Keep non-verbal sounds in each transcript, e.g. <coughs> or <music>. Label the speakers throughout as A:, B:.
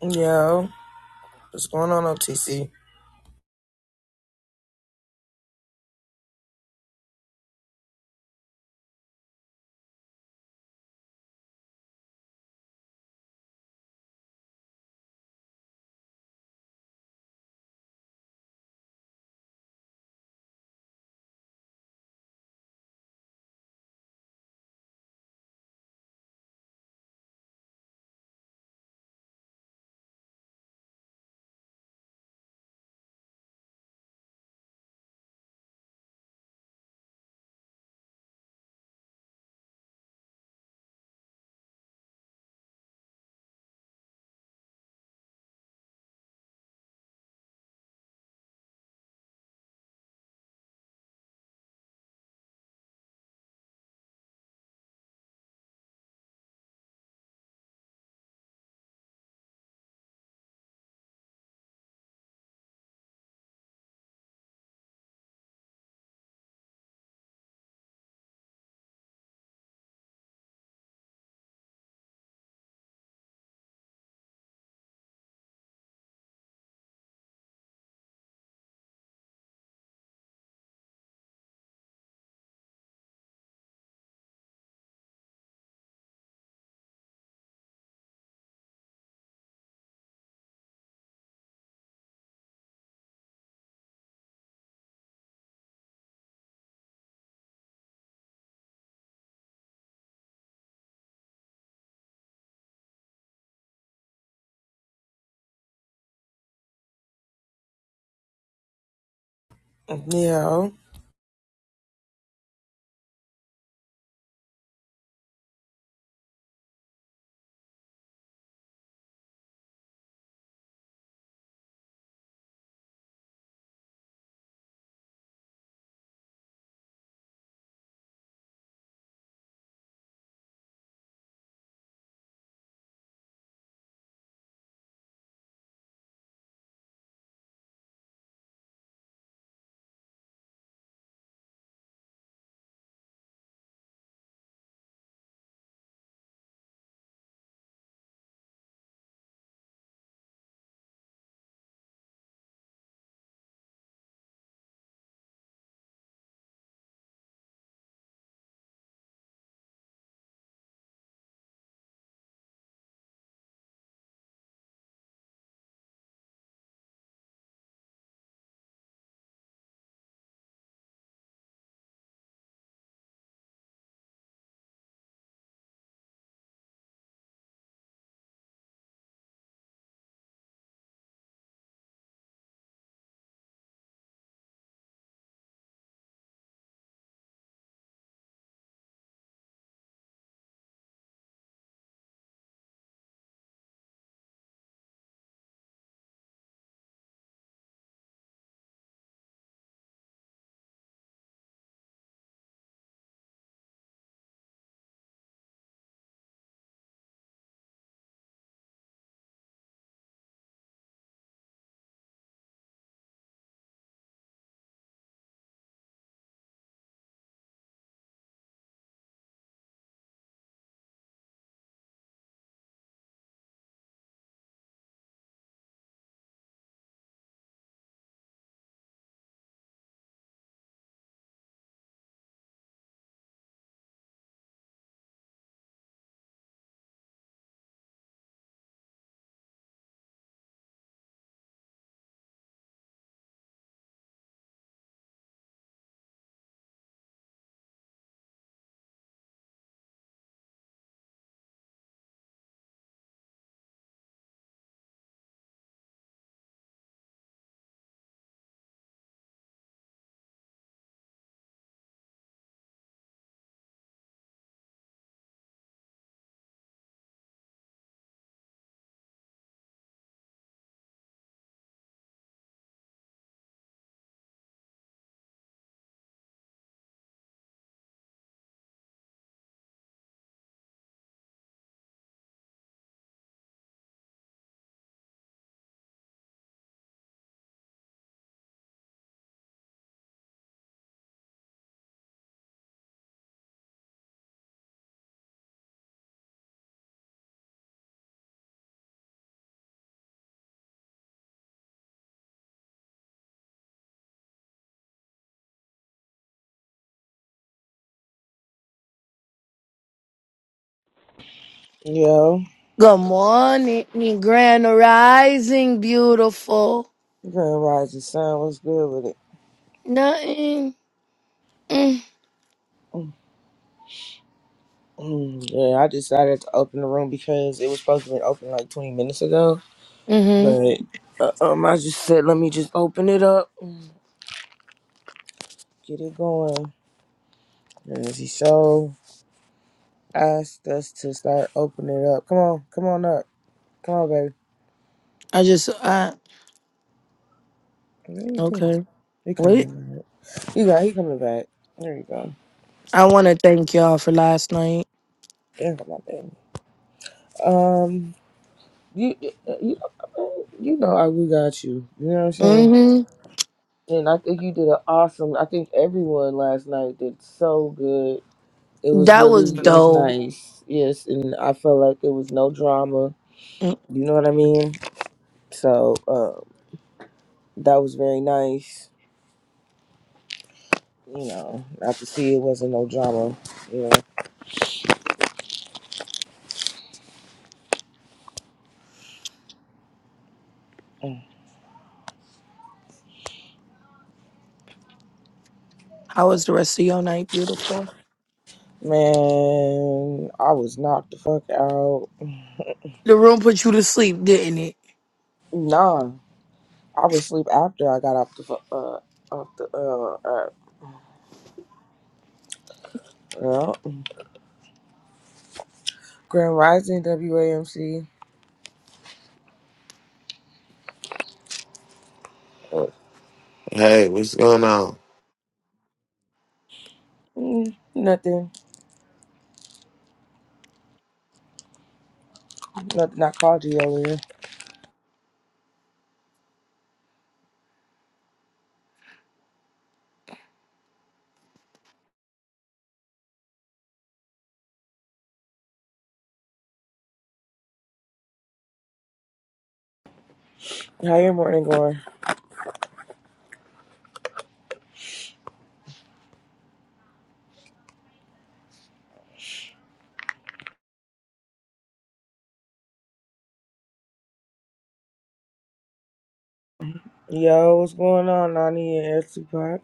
A: Yo, what's going on, OTC? Yo, yo,
B: Good morning, me Grand Rising, beautiful.
A: Grand Rising Sun, what's good with it?
B: Nothing.
A: Mm, mm, Yeah, I decided to open the room because it was supposed to be open like 20 minutes ago,
B: Mm-hmm.
A: but uh, um, I just said, let me just open it up, get it going. And he so asked us to start opening it up. Come on, come on up, come on, baby.
B: I just, I,
A: What are you doing?
B: okay.
A: You
B: Wait.
A: coming back? You got, he coming back. There you go.
B: I want to thank y'all for last night.
A: There you go my baby. Um, You, you, uh, you know how we got you. You know what I'm saying?
B: hmm
A: And I think you did an awesome. I think everyone last night did so good. It was
B: That was
A: really, it was
B: dope.
A: nice. Yes, and I felt like there was no drama.
B: Mm.
A: You know what I mean? So uh, that was very nice. You know, I could see it wasn't no drama. You know,
B: How was the rest of your night, beautiful?
A: man, I was knocked the fuck out.
B: The room put you to sleep, didn't it?
A: Nah, I was asleep after I got off the fu- uh off the uh, uh, yeah. Grand Rising WAMC.
C: Hey, what's going on?
A: Mm, nothing. Nothing. I called you earlier. How your morning going? Yo, what's going on, Nani and Tupac?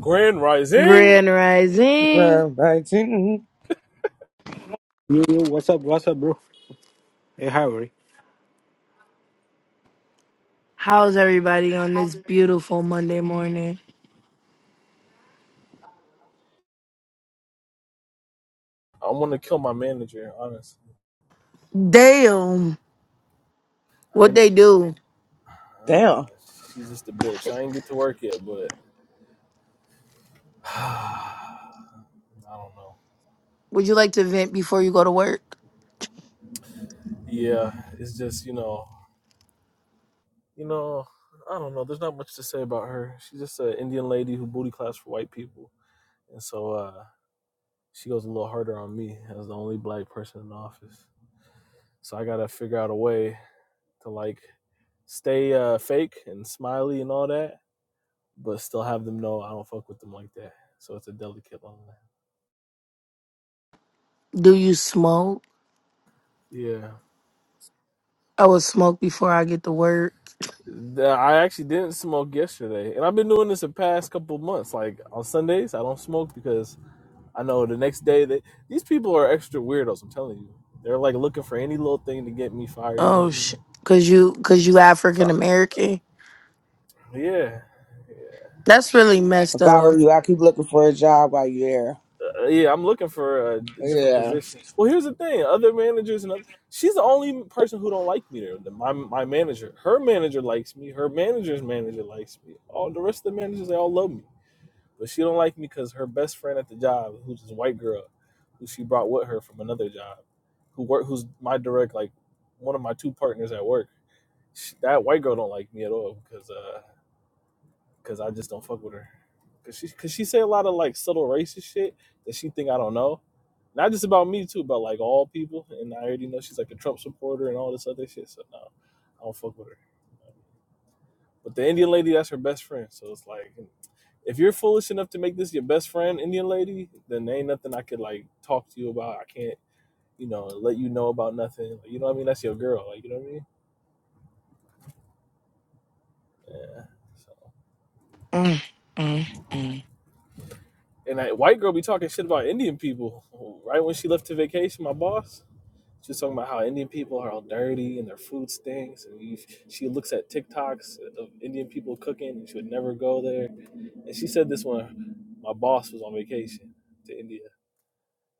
D: Grand Rising.
B: Grand Rising.
A: Grand Rising.
E: Yo, yo, what's up? What's up, bro? Hey, how are you?
B: How's everybody on this beautiful Monday morning?
D: I want to kill my manager, honestly.
B: Damn.
D: I
B: What
D: ain't,
B: they do?
D: uh,
A: Damn.
D: she's just a bitch. I ain't get to work yet, but <sighs> I don't know.
B: Would you like to vent before you go to work?
D: Yeah, it's just you know, you know, I don't know. There's not much to say about her. She's just an Indian lady who booty claps for white people, and so uh, she goes a little harder on me as the only black person in the office. So I gotta figure out a way to like stay uh, fake and smiley and all that, but still have them know I don't fuck with them like that. So it's a delicate line.
B: Do you smoke?
D: Yeah.
B: I would smoke before I get to work.
D: I actually didn't smoke yesterday, and I've been doing this the past couple months. Like on Sundays, I don't smoke because I know the next day that these people are extra weirdos. I'm telling you, they're like looking for any little thing to get me fired. You know
B: Oh,
D: what I
B: sh-
D: mean?
B: cause you, cause you African
D: So
B: American.
D: yeah,
B: That's really messed
A: If I
B: up.
A: were you, I keep looking for a job while you're
D: Uh, yeah, I'm looking for a
A: there.
D: d- different
A: Yeah.
D: position. Well, here's the thing: other managers and other, she's the only person who don't like me. There, The- my my manager, her manager likes me. Her manager's manager likes me. All the rest of the managers, they all love me, but she don't like me because her best friend at the job, who's this white girl, who she brought with her from another job, who work, who's my direct like one of my two partners at work. She, that white girl don't like me at all because. uh because I just don't fuck with her. Cause she, cause she say a lot of like subtle racist shit that she think I don't know. Not just about me too, but like all people. And I already know she's like a Trump supporter and all this other shit. So no, I don't fuck with her. But the Indian lady, that's her best friend. So it's like, if you're foolish enough to make this your best friend, Indian lady, then there ain't nothing I could like talk to you about. I can't, you know, let you know about nothing. You know what I mean? That's your girl. Like you know what I mean? Yeah. So
B: Mm, mm, mm.
D: And that white girl be talking shit about Indian people. Right when she left to vacation, my boss, she was talking about how Indian people are all dirty and their food stinks. And you, she looks at TikToks of Indian people cooking and she would never go there. And she said this when my boss was on vacation to India.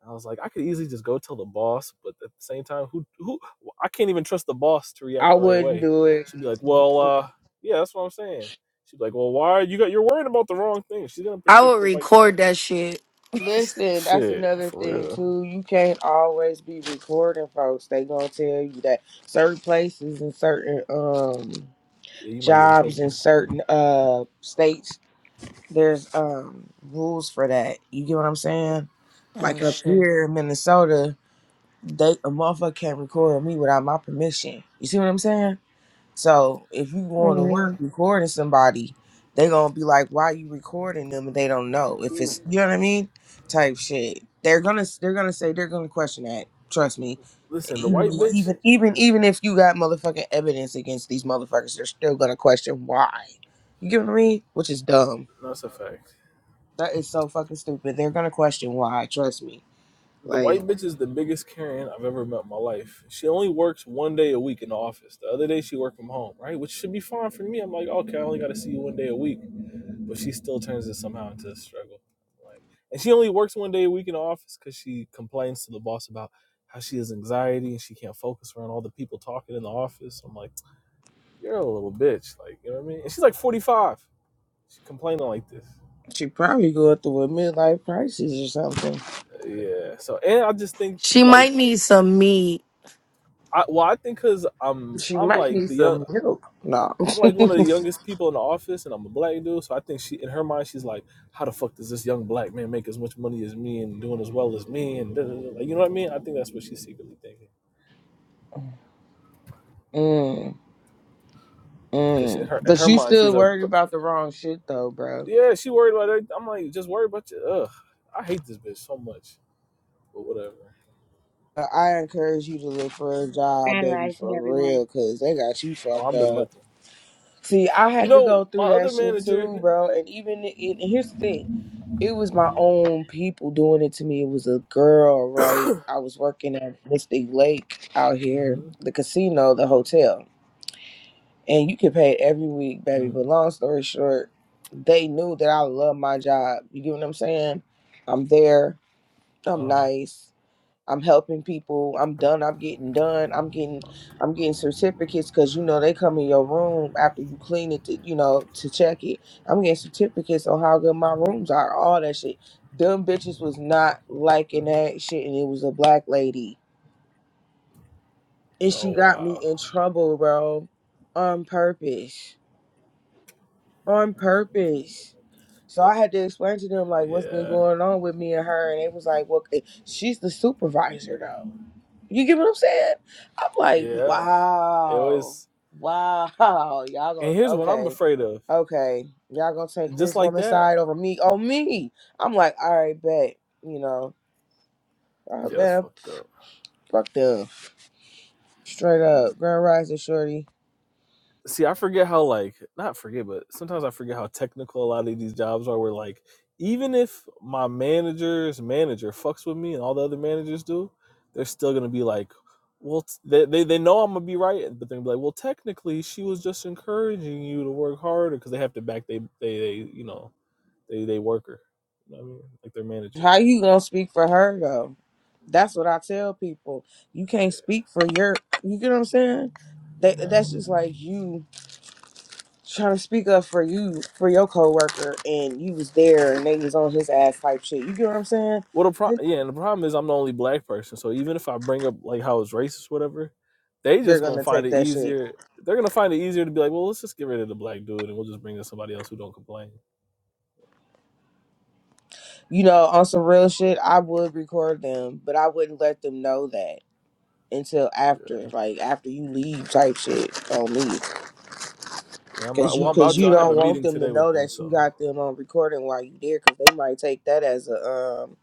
D: I was like, I could easily just go tell the boss, but at the same time, who, who, I can't even trust the boss to react
A: I
D: the right
A: wouldn't
D: way.
A: do it.
D: She'll be like, well, uh, yeah, that's what I'm saying. She's like, well, why you got you're worried about the wrong thing? She's gonna
B: I
D: protect
B: would
D: her white
B: record
D: friend.
B: that shit. <laughs>
A: Listen, that's
D: Shit,
A: another
D: for
A: thing
D: real.
A: too. You can't always be recording folks. They gonna tell you that certain places and certain um
D: Yeah, you might get in
A: jobs in
D: trouble.
A: certain uh states there's um rules for that. You get what I'm saying?
B: Oh
A: Like up
B: shit.
A: here in Minnesota, they a motherfucker can't record me without my permission. You see what I'm saying? So if you going to
B: hmm
A: work recording somebody, they gonna be like, "Why you recording them?" And they don't know if it's you know what I mean, type shit. They're gonna they're gonna say they're gonna question that. Trust me.
D: Listen, the
A: Even
D: white bitch,
A: even even even if you got motherfucking evidence against these motherfuckers, they're still gonna question why. You get what I mean? Which is dumb.
D: no, that's a fact.
A: That is so fucking stupid. They're gonna question why. Trust me.
D: The
A: Like
D: white bitch is the biggest Karen I've ever met in my life. She only works one day a week in the office. The other day she worked from home, right? Which should be fine for me. I'm like, okay, I only got to see you one day a week. But she still turns it somehow into a struggle. Like, and she only works one day a week in the office because she complains to the boss about how she has anxiety and she can't focus around all the people talking in the office. I'm like, you're a little bitch. Like, you know what I mean? And she's like 45. She complaining like this.
A: she probably going through a midlife crisis or something.
D: Yeah. So and I just think because
B: She
D: like
B: might need some meat,
D: I well I think because I'm
A: She
D: I'm
A: might
D: like
A: need
D: the young
A: some milk. No. <laughs>
D: I'm like one of
A: mm,
D: the youngest people in the office and I'm a black dude so I think she in her mind she's like how the fuck does this young black man make as much money as me and doing as well as me and da, da, da, like you know what I mean I think that's what she's secretly thinking because in
A: mm.
D: her in
A: But
D: her
A: you
D: mind she's
A: still
D: a
A: worried about the wrong shit though, bro.
D: yeah she worried about everything. I'm like just worried about you ugh I hate this bitch so much but whatever
A: But I encourage you to look for a job,
F: Grand
A: baby,
F: rising,
A: for
F: everyone.
A: real, cause they got you
D: oh
A: fucked
D: I've been
A: up.
D: looking
A: See, I
D: you
A: had to
D: know
A: go
D: my
A: through that
D: other
A: shit
D: manager
A: too, bro. And even and here's the thing. it was my
D: hmm
A: own people doing it to me. It was a girl, right? I was working at Mystic Lake out here,
D: hmm
A: the casino, the hotel. And you could pay it every week, baby.
D: hmm
A: But long story short, they knew that I love my job. You get what I'm saying? I'm there.
D: uh
A: I'm
D: huh
A: nice. I'm helping people. I'm done. I'm getting done. I'm getting I'm getting certificates because you know they come in your room after you clean it to you know to check it. I'm getting certificates on how good my
D: Mm-hmm.
A: rooms are. All that shit. Them bitches was not liking
D: Mm-hmm.
A: that shit, and it was a black lady, and
D: Oh
A: she got me in
D: wow.
A: trouble, bro, on purpose. On purpose. So
D: Yeah.
A: I had to explain to them like what's been
D: Yeah.
A: going on with me and her, and they was like, "Well, eh, she's the supervisor though." You get what I'm saying? I'm like,
D: Yeah. They
A: wow,
D: always
A: wow, y'all
D: and here's
A: gonna
D: what I'm
A: okay,
D: afraid of.
A: okay, y'all gonna take
D: Just
A: this
D: like
A: woman's
D: that.
A: side over me? Oh me? I'm like, all right, bet. You know, oh,
D: Yeah, that's
A: man,
D: fucked up.
A: fuck them, straight up, Grand Rising Shorty.
D: See, I forget how like not forget, but sometimes I forget how technical a lot of these jobs are where like even if my manager's manager fucks with me and all the other managers do, they're still gonna be like, well, t- they, they, they know I'm gonna be right, but they're gonna be like, well, technically, she was just encouraging you to work harder because they have to back they they, they you know they they worker, you know what I mean, like their manager.
A: How you gonna speak for her though? That's what I tell people. You can't speak for your. You get what I'm saying? They,
D: Yeah.
A: that's just like you. trying to speak up for you for your coworker and you was there and they was on his ass type shit. You get what I'm saying?
D: Well, the pro- yeah, and the problem is I'm the only black person. So even if I bring up like how it's racist, whatever, they
A: They're
D: just gonna
A: gonna
D: find
A: take
D: it
A: that shit.
D: easier. They're gonna find it easier to be like, well, let's just get rid of the black dude, and we'll just bring in somebody else who don't complain.
A: You know, on some real shit, I would record them, but I wouldn't let them know that until
D: Yeah.
A: after, like after you leave, type shit on me,
D: Yeah. I'm
A: cause
D: about. Well,
A: you
D: I'm about
A: cause
D: to.
A: you
D: I have a
A: don't want
D: meeting
A: them to
D: today with
A: know
D: them.
A: that you
D: So,
A: got them on recording while you there, cause they might take that as a um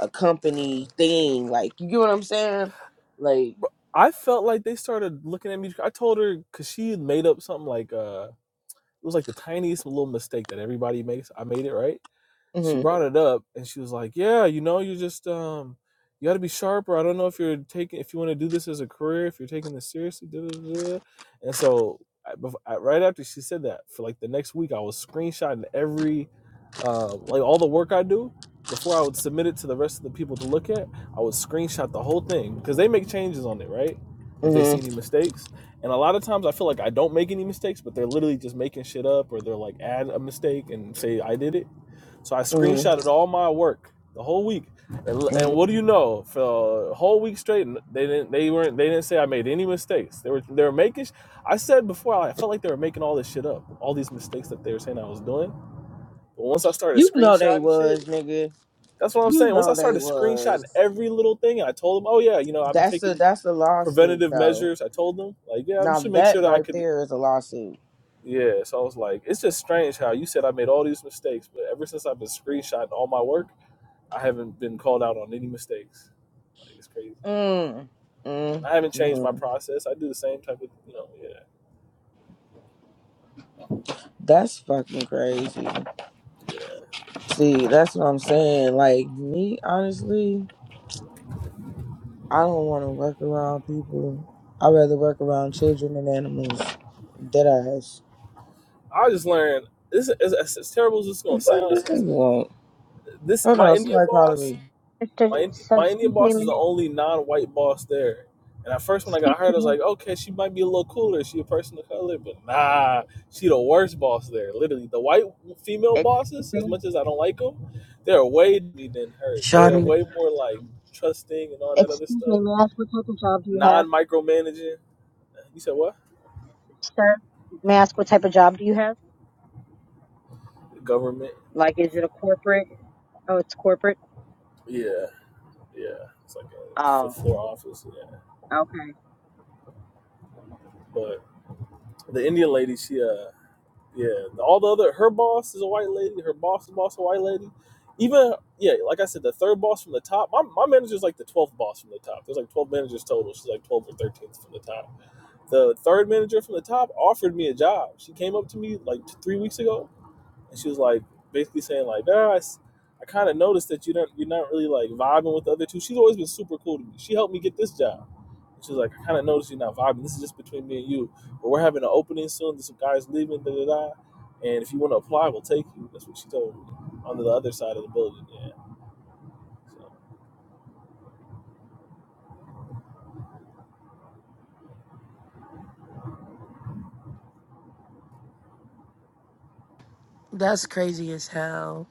A: a company thing. Like you get what I'm saying? Like,
D: Bro, I felt like they started looking at me. I told her because she had made up something like uh, it was like the tiniest little mistake that everybody makes. I made it right. she
A: mm-hmm,
D: brought it up and she was like, "Yeah, you know, you just um, you got to be sharper. I don't know if you're taking if you want to do this as a career, if you're taking this seriously." Da, da, da. And so, I, I, right after she said that, for like the next week, I was screenshotting every, um, like all the work I do. Before I would submit it to the rest of the people to look at, I would screenshot the whole thing because they make changes on it, right? If they see
A: mm-hmm,
D: any mistakes. And a lot of times I feel like I don't make any mistakes, but they're literally just making shit up or they're like add a mistake and say I did it so I
A: mm-hmm,
D: screenshotted all my work the whole week, and
A: mm-hmm.
D: and what do you know? For a whole week straight, they didn't they weren't they didn't say I made any mistakes. They were they were making. I said before I felt like they were making all this shit up, all these mistakes that they were saying I was doing. But once I started
A: You know they
D: screenshotting
A: was,
D: shit,
A: nigga.
D: that's what I'm
A: You
D: saying. Once I
A: know they
D: started
A: was.
D: screenshotting every little thing, and I told them, oh yeah, you know I'm
A: That's a
D: taking
A: that's a lawsuit
D: preventative
A: though.
D: measures. I told them like yeah, I'm
A: Now
D: just to make
A: that
D: sure that I
A: right
D: could.
A: there is a lawsuit.
D: Yeah, so I was like, it's just strange how you said I made all these mistakes, but ever since I've been screenshotting all my work, I haven't been called out on any mistakes. Like it's crazy.
A: Mm. Mm.
D: And I haven't changed my
A: Mm.
D: process. I do the same type of, you know, yeah,
A: That's fucking crazy.
D: yeah.
A: See, that's what I'm saying. Like me, honestly, I don't want to work around people. I'd rather work around children and animals. Dead ass.
D: I just learned. This is as, as terrible as it's gonna
A: The
D: sound.
A: fuck
D: It's
A: this
D: gonna
A: nigga
D: sound
A: want?
D: this
A: Hold
D: my
A: on,
D: Indian
A: somebody calling
D: boss.
A: me.
F: Mr.
D: My Ind-
F: So,
D: my Indian
F: excuse me,
D: boss is
F: may
D: the
F: I-
D: only non-white boss there. And at first, when I
F: excuse
D: got hired, I was
F: me,
D: like, okay, she might be a little cooler. She a person of color, but nah, she the worst boss there. Literally, the white female
F: excuse
D: bosses, as
F: me,
D: much as I don't like them, they're way me than her. They're
B: Shawty.
D: way more like trusting and all that other
F: excuse
D: stuff
F: me, may I ask what type of job do you have,
D: non micromanaging. You said what?
F: sir? May I ask what type of job do you have?
D: Government.
F: Like, is it a corporate? Oh, it's corporate?
D: Yeah, yeah. It's like a fifth
F: Oh,
D: floor office. Yeah,
F: okay.
D: but the Indian lady, she uh, yeah. All the other, her boss is a white lady. Her boss, boss, is a white lady. Even yeah, like I said, the third boss from the top. My my manager's like the twelfth boss from the top. There's like twelve managers total. She's like twelve or thirteenth from the top. The third manager from the top offered me a job. She came up to me like three weeks ago and she was like basically saying like, "Ah, I, I kind of noticed that you don't you're not really like vibing with the other two. She's always been super cool to me. She helped me get this job. And She was like, I kind of noticed you're not vibing. This is just between me and you. But we're having an opening soon. There's some guys leaving, da da da. And if you want to apply, we'll take you. That's what she told me on the other side of the building. Yeah. So,
B: That's crazy as hell.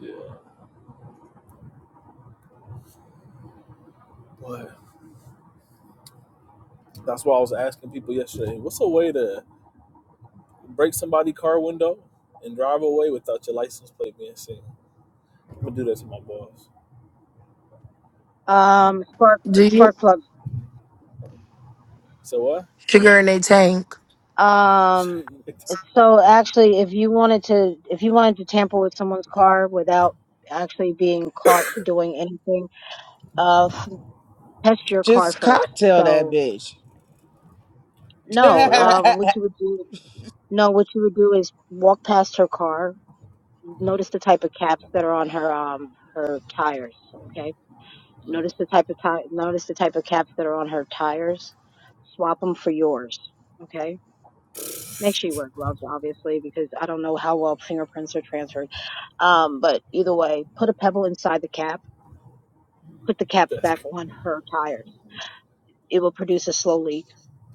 D: yeah. But that's why I was asking people yesterday. What's a way to break somebody's car window and drive away without your license plate being seen? I'm gonna do that to my boss.
F: Um, spark,
B: Do you
F: spark plug.
D: So
B: sugar in a tank?
F: Um,
D: what? <laughs>
F: so actually, if you wanted to, if you wanted to tamper with someone's car without actually being caught doing anything, uh, f- test your car
A: Just
F: first.
A: cocktail that
F: So,
A: bitch.
F: no,
D: So what?
A: <laughs>
F: um, what you would do No, what you would do is walk past her car.
D: Mm.
F: Notice the type of caps that are on her um her tires. Okay. Notice the type of ti- notice the type of caps that are on her tires. Swap them for yours. Okay. Make sure you wear gloves, obviously, because I don't know how well fingerprints are transferred. Um, but either way, put a pebble inside the cap. Put the caps
D: That's
F: back on her tires. It will produce a slow leak.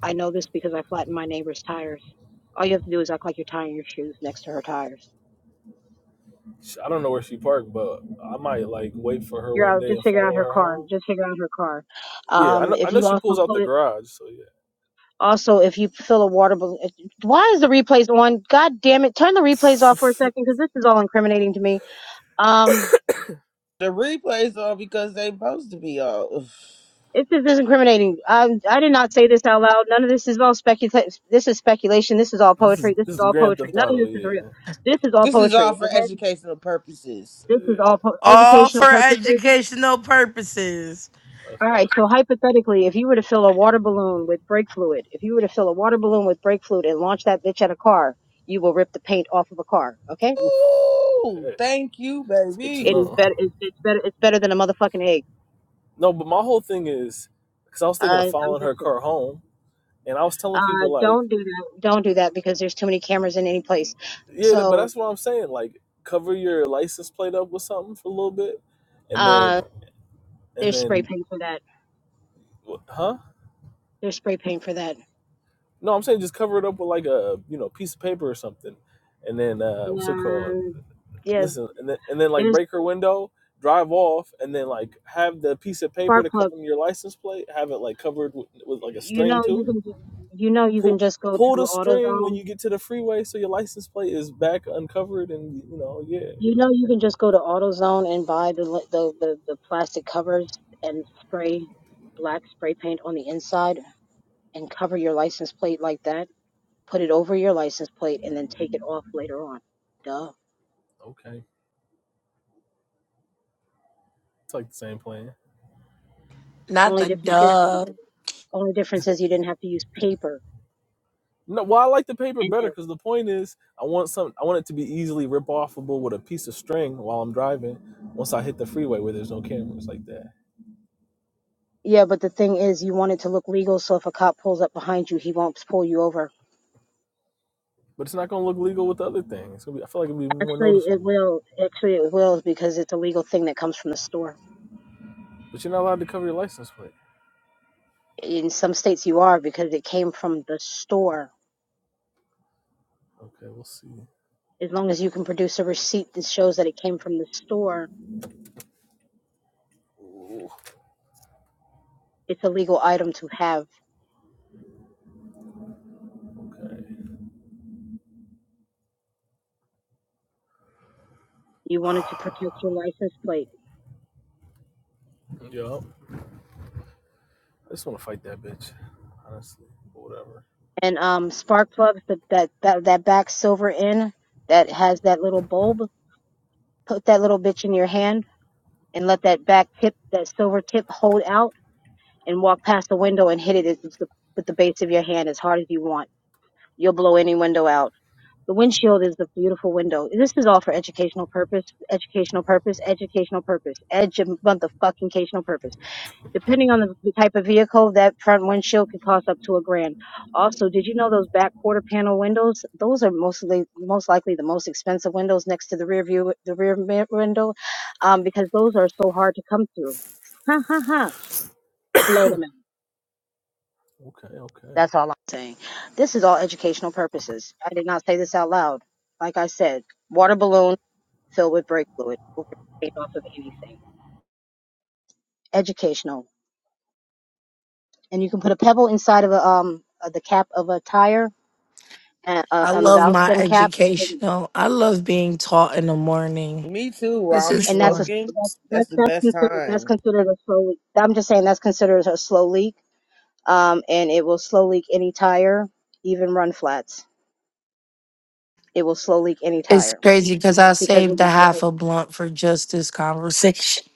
F: I know this because I flattened my neighbor's tires. All you have to do is act like you're tying your shoes next to her tires.
D: I don't know where she parked, but I might like wait for her
F: figure
D: one
F: out
D: day
F: just
D: and
F: figure out
D: follow
F: her
D: her
F: car
D: home.
F: just figure out her car
D: Yeah, I
F: um
D: know. I
F: if
D: know
F: you
D: she
F: also
D: pulls out the
F: put
D: garage. So yeah,
F: also if you fill a water balloon why is the replays on god damn it turn the
D: <laughs>
F: replays off for a second because this is all incriminating to me um
A: The replays are because they supposed to be on.
F: it this is incriminating I i did not say this out loud none of this is all speculation this is speculation this is all
D: this is
F: poetry this
D: this
F: is
D: is
F: all
D: Grand
F: poetry
D: Theft
F: none of
D: Auto.
F: this is real
D: Yeah,
F: this is all
A: This is all
F: poetry
A: for
F: okay
A: educational purposes.
F: this
D: yeah,
F: is all po-
B: All
F: educational
B: for
F: purposes
B: educational purposes.
D: that's
F: All right,
D: right.
F: so hypothetically, if you were to fill a water balloon with brake fluid, if you were to fill a water balloon with brake fluid and launch that bitch at a car, you will rip the paint off of a car. Okay?
D: Oof,
A: Ooh,
D: okay,
A: thank you,
D: it's good to
F: It
A: baby.
F: is
D: know.
F: better. It's, it's better. It's better than a motherfucking egg.
D: No, but my whole thing is because I was thinking
F: Uh,
D: of
F: I'm
D: following her
F: just saying.
D: car home, and I was telling
F: Uh,
D: people like,
F: don't do that. Don't do that because there's too many cameras in any place.
D: yeah, but
F: So
D: that's what I'm saying. Like, cover your license plate up with something for a little bit, and
F: uh,
D: then and
F: there's spray
D: then,
F: paint for that.
D: huh?
F: There's spray paint for that.
D: No, I'm saying just cover it up with like a you know piece of paper or something, and then uh, what's it called?
F: Um, yeah,
D: Listen, and then and then like
F: there's
D: break her window, drive off, and then like have the piece of paper
F: spark
D: to cover
F: plugs.
D: your license plate. Have it like covered with, with like a
F: You
D: string
F: know you
D: too.
F: can. You know you can
D: Pull
F: just go
D: pull the
F: to
D: string
F: AutoZone
D: when you get to the freeway, so your license plate is back uncovered, and you know yeah.
F: You know, you can just go to AutoZone and buy the li- the the, the plastic covers and spray black spray paint on the inside and cover your license plate like that. Put it over your license plate and then take it off later on. Duh.
D: Okay, it's like the same plan.
B: Not
F: Only
B: the
F: difference is you,
B: duh.
F: only difference is you didn't have to use paper
D: No, well, I like the paper
F: and
D: better
F: ink.
D: because the point is, I want some. I want it to be easily rip offable with a piece of string while I'm driving. Once I hit the freeway where there's no cameras like that,
F: Yeah, but the thing is, you want it to look legal, so if a cop pulls up behind you, he won't pull you over.
D: but it's not gonna look legal with the other thing. It's gonna be. I feel like it'll be more
F: Actually, it
D: noticeable.
F: will. Actually, it will because it's a legal thing that comes from the store.
D: But you're not allowed to cover your license plate.
F: In some states, you are because it came from the store
D: Okay, we'll see.
F: As long as you can produce a receipt that shows that it came from the store,
D: Ooh,
F: it's a legal item to have.
D: okay.
F: You wanted to protect your license plate.
D: Yo, I just want to fight that bitch. Honestly, but whatever.
F: And um, spark plugs that that that, that back silver in that has that little bulb. Put that little bitch in your hand and let that back tip, that silver tip, hold out and walk past the window and hit it as- with the base of your hand as hard as you want. You'll blow any window out. The windshield is the beautiful window. This is all for educational purpose, educational purpose, educational purpose, edge of motherfucking occasional purpose. Depending on the the type of vehicle, that front windshield could cost up to a grand. Also, did you know those back quarter panel windows? Those are mostly, most likely the most expensive windows next to the rear view, the rear mi- window, um, because those are so hard to come through. Ha ha ha! Blow them out.
D: Okay, okay.
F: That's all I'm saying. This is all educational purposes. I did not say this out loud. Like I said, water balloons. filled with brake fluid will off of anything. Educational. And you can put a pebble inside of a, um, uh, the cap of a tire and, uh,
B: I
F: on the
B: love
F: valve
B: my
F: stem cap. And
B: educational. I love being taught in the morning.
A: Me too. While
B: This
A: I'm
B: is
F: that's a,
B: fun.
A: smoking,
F: that's,
A: that's
F: that's,
A: the
F: that's
A: best
F: considered, that's
A: time.
F: considered a slow leak. I'm just saying that's considered a slow leak. Um, and it will slow leak any tire, even run flats. It will slow leak any
B: It's
F: tire
B: crazy because I
F: because
B: saved
F: what
B: a
F: it does
B: half a blunt for just this conversation. <laughs>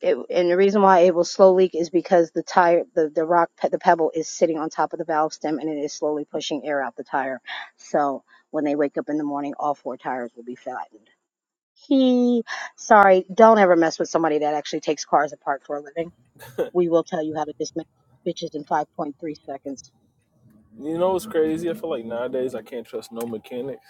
F: It, and the reason why it will slow leak is because the tire, the, the rock, the pebble is sitting on top of the valve stem and it is slowly pushing air out the tire. So when they wake up in the morning, all four tires will be flattened. He, sorry, don't ever mess with somebody that actually takes cars apart for a living. We will tell you how to dismantle bitches in 5.3 seconds.
D: You know what's crazy? I feel like nowadays I can't trust no mechanics.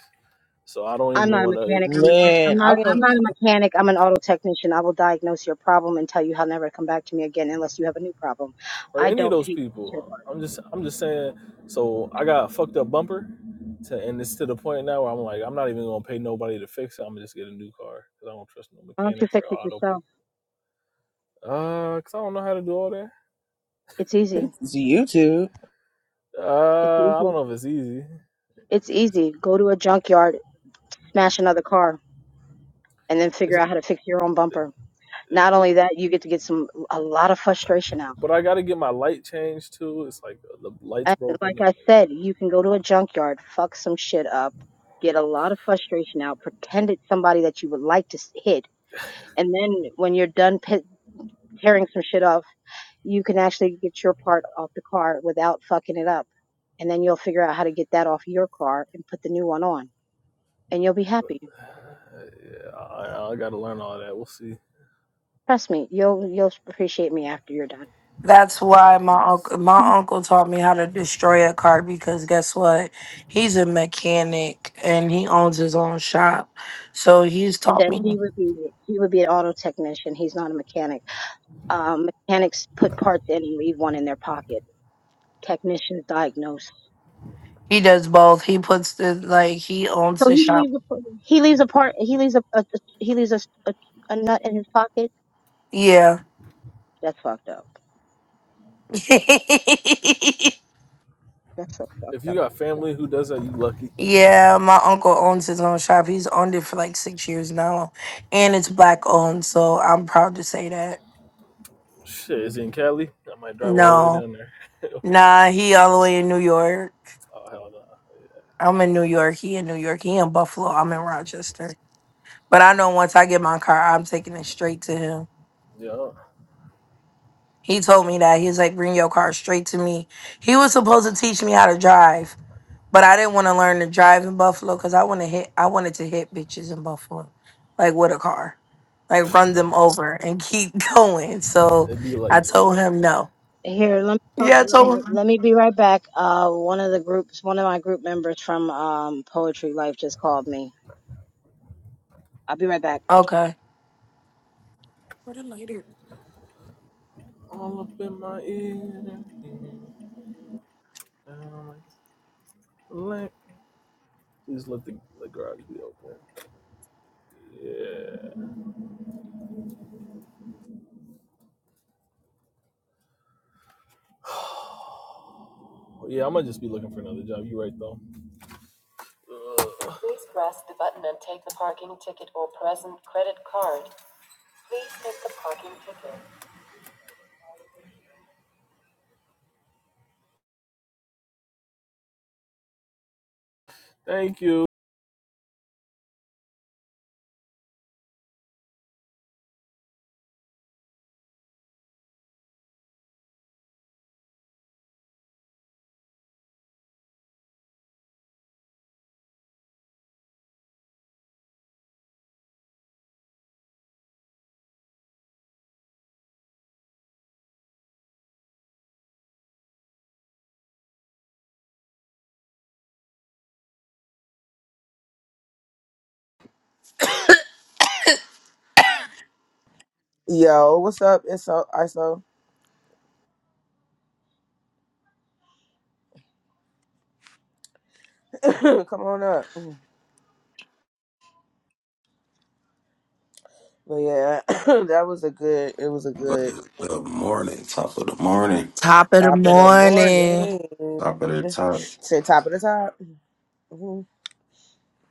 D: So I don't even
F: I'm not a
D: want to.
F: mechanic. I'm an, I'm
A: Man, I
F: not, I'm
A: want
F: not a mechanic. I'm an auto technician. I will diagnose your problem and tell you how never to come back to me again unless you have a new problem.
D: or
F: I
D: any of
F: don't
D: those
F: take shit
D: people.
F: apart.
D: I'm just I'm just saying. So I got a fucked up bumper, to, and it's to the point now where I'm like I'm not even gonna pay nobody to fix it. I'm gonna just get a new car because I don't trust no
F: Why don't you
D: mechanics
F: fix
D: or
F: it
D: auto
F: yourself?
D: people. Uh, cause I don't know how to do all that.
F: It's easy.
A: to see YouTube.
F: It's
D: Uh, I don't
F: easy.
D: know if it's easy.
F: It's
D: It's,
F: easy. Go to a junkyard, smash another car, and then
D: it's,
F: figure out how to fix your own bumper.
D: it,
F: Not only that, you get to get some a lot of frustration out.
D: but I gotta get my light changed too. It's like the, the light's
F: And
D: broken. And
F: like I said,
D: like,
F: you can go to a junkyard, fuck some shit up, get a lot of frustration out, pretend it's somebody that you would like to s- hit, and then when you're done pe- tearing some shit off, you can actually get your part off the car without fucking it up. And then you'll figure out how to get that off your car and put the new one on, and you'll be happy.
D: yeah, yeah I, I gotta learn all that. We'll see.
F: Trust me, you'll you'll appreciate me after you're done.
B: That's why my
D: We'll
B: uncle
D: see.
B: my uncle taught me how to destroy a car because guess what? He's a mechanic and he owns his own shop. So he's taught
F: Then
B: me
F: he would be he would be an auto technician. He's not a mechanic. Um, mechanics put parts in and leave one in their pocket. Technicians diagnose.
B: he does both. He puts the like he owns
F: So
B: the
F: he
B: shop.
F: leaves a he leaves a part he leaves a, a he leaves a, a a nut in his pocket.
B: Yeah.
F: That's fucked up.
B: <laughs>
F: That's so
D: If
F: fucked
D: you
F: up.
D: got family who does that, you lucky.
B: yeah, my uncle owns his own shop. He's owned it for like six years now. And it's black owned, so I'm proud to say that.
D: Shit, is in Cali. I might drive all the way
B: No.
D: down there. <laughs> okay.
B: Nah, he all the way in New York.
D: Oh, hell no.
B: I'm in New York. He in New York. He in Buffalo. I'm in Rochester. But I know once I get my car, I'm taking it straight to him.
D: Yeah,
B: He told me that. He was like, bring your car straight to me. He was supposed to teach me how to drive, but I didn't want to learn to drive in Buffalo because I want to hit I wanted to hit bitches in Buffalo. Like with a car. Like run them over and keep <laughs> going.
D: Yeah.
B: So
D: it'd be
B: I
D: like that.
B: told him no.
F: Here, let me, uh,
B: Yeah, I
F: let me
B: told him.
F: let me be right back. Uh, one of the groups, one of my group members from um Poetry Life just called me. I'll be right back.
B: Okay.
D: All up in my ear. Down like a Please let the, the garage be open. Yeah. Yeah, I might just be looking for another job. You right, though. Please press the button and take the parking ticket or present credit card. Please take the parking ticket. Thank you.
A: Yo, what's up? It's so ISO. <laughs> <coughs> Come on up. But yeah, <clears throat> <coughs> that was a good. It was a good
G: Good morning, top of the morning,
B: Top of the
A: top of the
B: morning.
A: morning.
G: top of the top.
A: Say top of the top.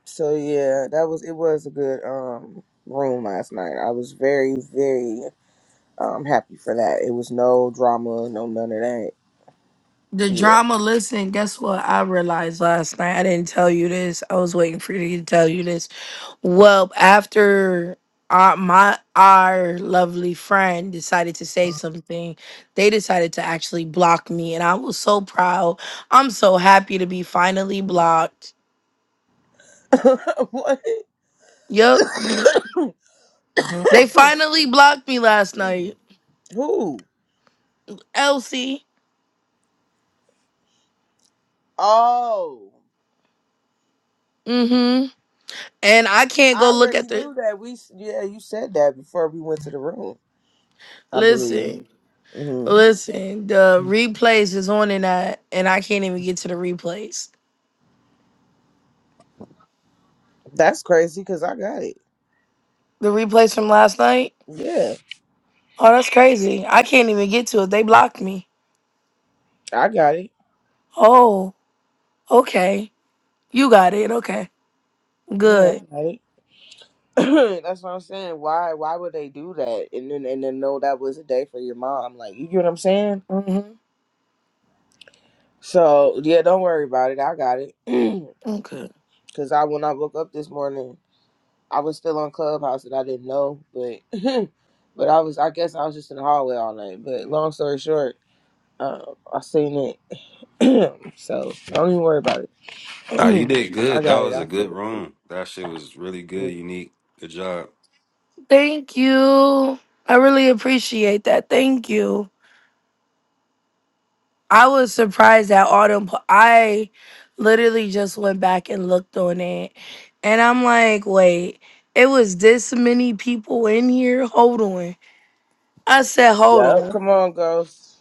A: So yeah, that was it was a good um room last night. I was very, very um happy for that. It was no drama, no none of that.
B: The
A: Yeah.
B: drama, listen, guess what? I realized last night. I didn't tell you this. I was waiting for you to tell you this. Well, after our, my our lovely friend decided to say something, they decided to actually block me, and I was so proud. I'm so happy to be finally blocked.
A: <laughs> what?
B: Yup, they finally blocked me last night.
A: Who?
B: Elsie.
A: Oh.
B: Mm-hmm. And I can't go
A: I
B: look at
A: already
B: the
A: knew that. We yeah, you said that before we went to the room. I believe.
B: listen.
A: hmm
B: Listen, the replays is on and I and I can't even get to the replays.
A: That's crazy because I got it.
B: The replays from last night?
A: Yeah,
B: Oh, that's crazy. I can't even get to it. They blocked me.
A: I got it.
B: Oh, okay. You got it. Okay.
A: Yeah,
B: Good.
A: I got it. <coughs> <clears throat> That's what I'm saying. Why why would they do that? And then and then know that was a day for your mom. Like you get what I'm saying?
B: hmm
A: So yeah, don't worry about it. I got it. <coughs>
B: Okay.
A: <clears throat> Cause I when I woke up this morning, I was still on Clubhouse and I didn't know, but <laughs> but I was I guess I was just in the hallway all night. But long story short, um, I seen it. <coughs> <clears throat> so don't even worry about it.
G: Nah, you
A: <coughs>
G: did
A: <clears throat> I
G: good. That
A: got it.
G: was a
A: I
G: good
A: feel
G: room. That shit was really good,
A: it.
G: unique. Good job.
B: Thank you. I really appreciate that. Thank you. I was surprised that autumn. po- I literally just went back and looked on it. And I'm like, wait, it was this many people in here? Hold on. I said, hold
A: Yep.
B: on.
A: Come on, ghost.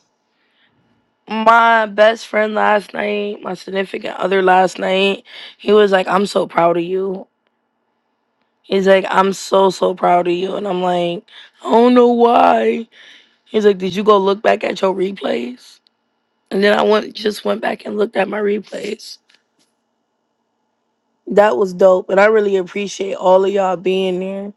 B: My best friend last night, my significant other last night, he was like, I'm so proud of you. He's like, I'm so, so proud of you. And I'm like, I don't know why. He's like, Did you go look back at your replays? And then I went just went back and looked at my replays. That was dope. And I really appreciate all of y'all being there.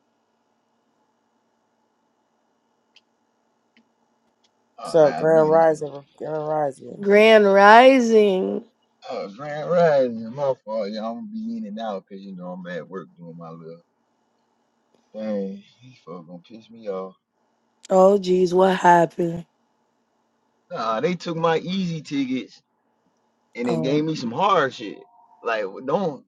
A: What's
H: Oh,
A: up,
H: nah,
A: Grand
H: be
A: Rising? Grand Rising.
B: Grand Rising.
H: uh, Grand Rising. My fault, y'all. I'm gonna be in and out because you know I'm at work doing my little thing. These folks gonna piss me off.
B: Oh geez, what happened?
H: Nah, they took my easy tickets and then gave
B: Oh,
H: me some hard shit. Like, don't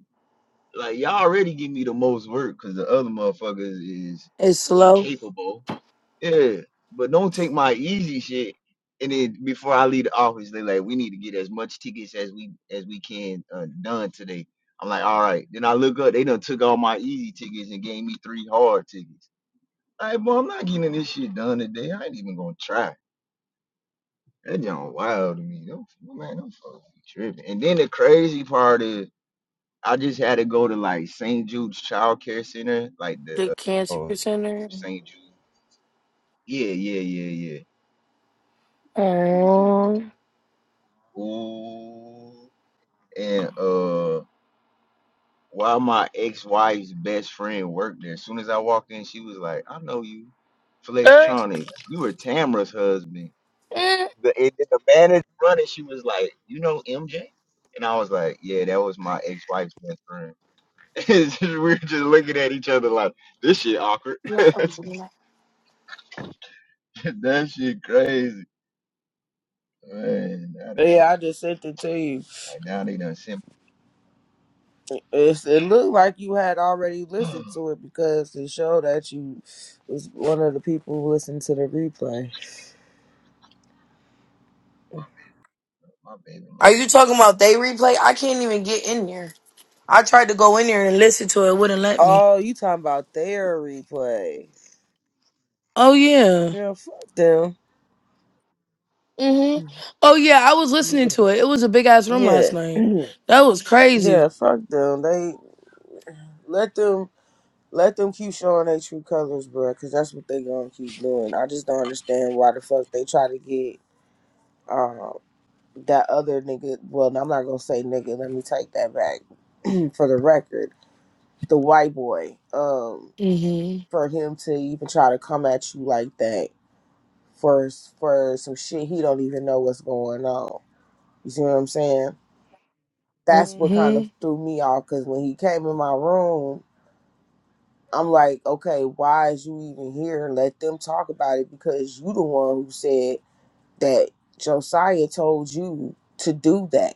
H: like y'all already give me the most work because the other motherfuckers is
B: it's slow.
H: incapable. Yeah, but don't take my easy shit. And then before I leave the office, they like, we need to get as much tickets as we as we can uh, done today. I'm like, all right. Then I look up, they done took all my easy tickets and gave me three hard tickets. Like, boy, I'm not getting this shit done today. I ain't even gonna try. That y'all wild to me. Don't man, don't fuck be tripping. And then the crazy part is, I just had to go to like St. Jude's Child Care Center, like the
B: The
H: uh,
B: cancer
H: oh
B: center.
H: St. Jude. Yeah, yeah, yeah, yeah.
B: Oh.
H: Ooh, and uh, while my ex-wife's best friend worked there, as soon as I walked in, she was like, "I know you,
B: Uh,
H: Flextronic. You were Tamra's husband."
B: uh.
H: The and then the manager running, she was like, "You know MJ?" And I was like, "Yeah, that was my ex-wife's best friend." <laughs> It's just- we were just looking at each other like, "This shit awkward. <laughs> that shit crazy, man." Now they
A: Yeah, I just sent it to you.
H: like now they done sent
A: It's, it looked like you had already
H: <gasps> my
A: listened to it because it showed that you was one of the people who listened to the replay.
H: baby
B: Are
H: mama.
B: you talking about they replay? I can't even get in there. I tried to go in there and listen to it. It wouldn't let me.
A: Oh, you talking about their replay?
B: Oh yeah.
A: Yeah, fuck them.
B: Mhm. Oh yeah. I was
A: Yeah,
B: listening to it. It was a big ass room last
A: yeah,
B: night.
A: <clears throat>
B: That was crazy.
A: yeah. fuck them. They let them let them keep showing their true colors, bro. Because that's what they gonna keep doing. I just don't understand why the fuck they try to get um that other nigga. Well, no, I'm not gonna say nigga. Let me take that back <clears throat> for the record. the white boy um
B: Mhm.
A: for him to even try to come at you like that for for some shit he don't even know what's going on you see what i'm saying that's what kind of
B: Mhm.
A: threw me off because when he came in my room i'm like okay why is you even here let them talk about it because you the one who said that josiah told you to do that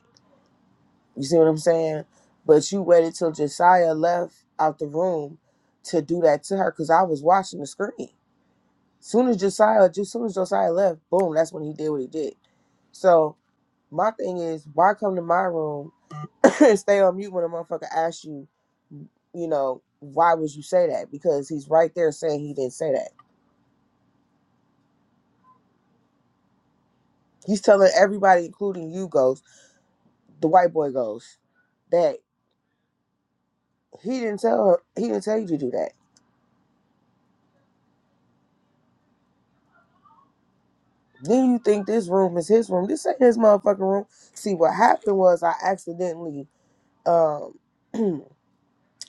A: you see what i'm saying but you waited till josiah left out the room to do that to her because i was watching the screen Soon as Josiah, just soon as Josiah left, boom, that's when he did what he did. So my thing is, why come to my room <coughs> <clears throat> and stay on mute when a motherfucker asks you, you know, why would you say that? Because he's right there saying he didn't say that. He's telling everybody, including you, Ghost, the white boy Ghost, that he didn't tell her, he didn't tell you to do that. Then you think this room is his room. This ain't his motherfucking room. See, what happened was I accidentally um <clears throat>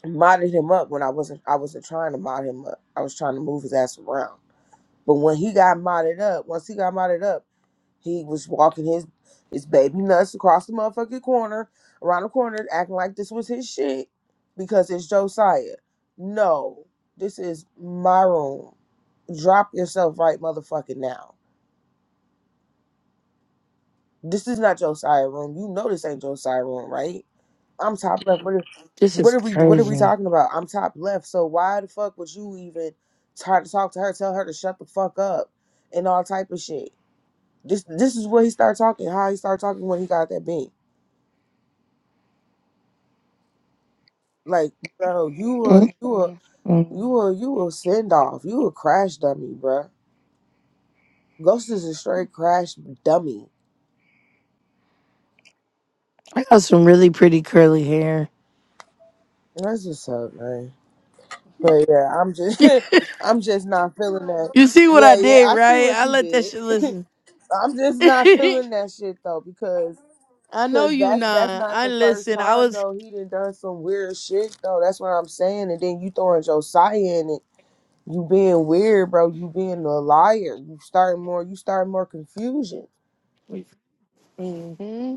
A: modded him up when I wasn't I wasn't trying to mod him up. I was trying to move his ass around. But when he got modded up, once he got modded up, he was walking his his baby nuts across the motherfucking corner, around the corner, acting like this was his shit because it's Josiah. No, this is my room. Drop yourself right motherfucking now. This is not Josiah room. You know this ain't Josiah room, right? I'm top left. What are,
B: This is
A: what are we? What are we
B: crazy.
A: talking about? I'm top left. So why the fuck would you even try to talk to her? Tell her to shut the fuck up and all type of shit. This this is what he started talking. How he started talking when he got that beat. Like, bro, you a
B: Mhm.
A: you a
B: Mhm.
A: you a you a send off. You a crash dummy, bruh. Ghost is a straight crash dummy.
B: I got some really pretty curly hair.
A: That's what's up, man. But yeah, I'm
B: <laughs>
A: just <laughs> I'm just not feeling that.
B: you see what I
A: Yeah, yeah,
B: did,
A: I see
B: right?
A: what
B: I
A: you
B: let that
A: did.
B: shit
A: <laughs>
B: listen.
A: I'm
B: <laughs>
A: just not feeling that shit though because
B: I know
A: because
B: you
A: that's that's
B: not.
A: not
B: I
A: the first
B: listen. I
A: time
B: was.
A: though he done done some weird shit though. That's what I'm saying. And then you throwing Josiah in it, you being weird, bro. You being a liar. You start more. You start more confusion.
B: Mhm.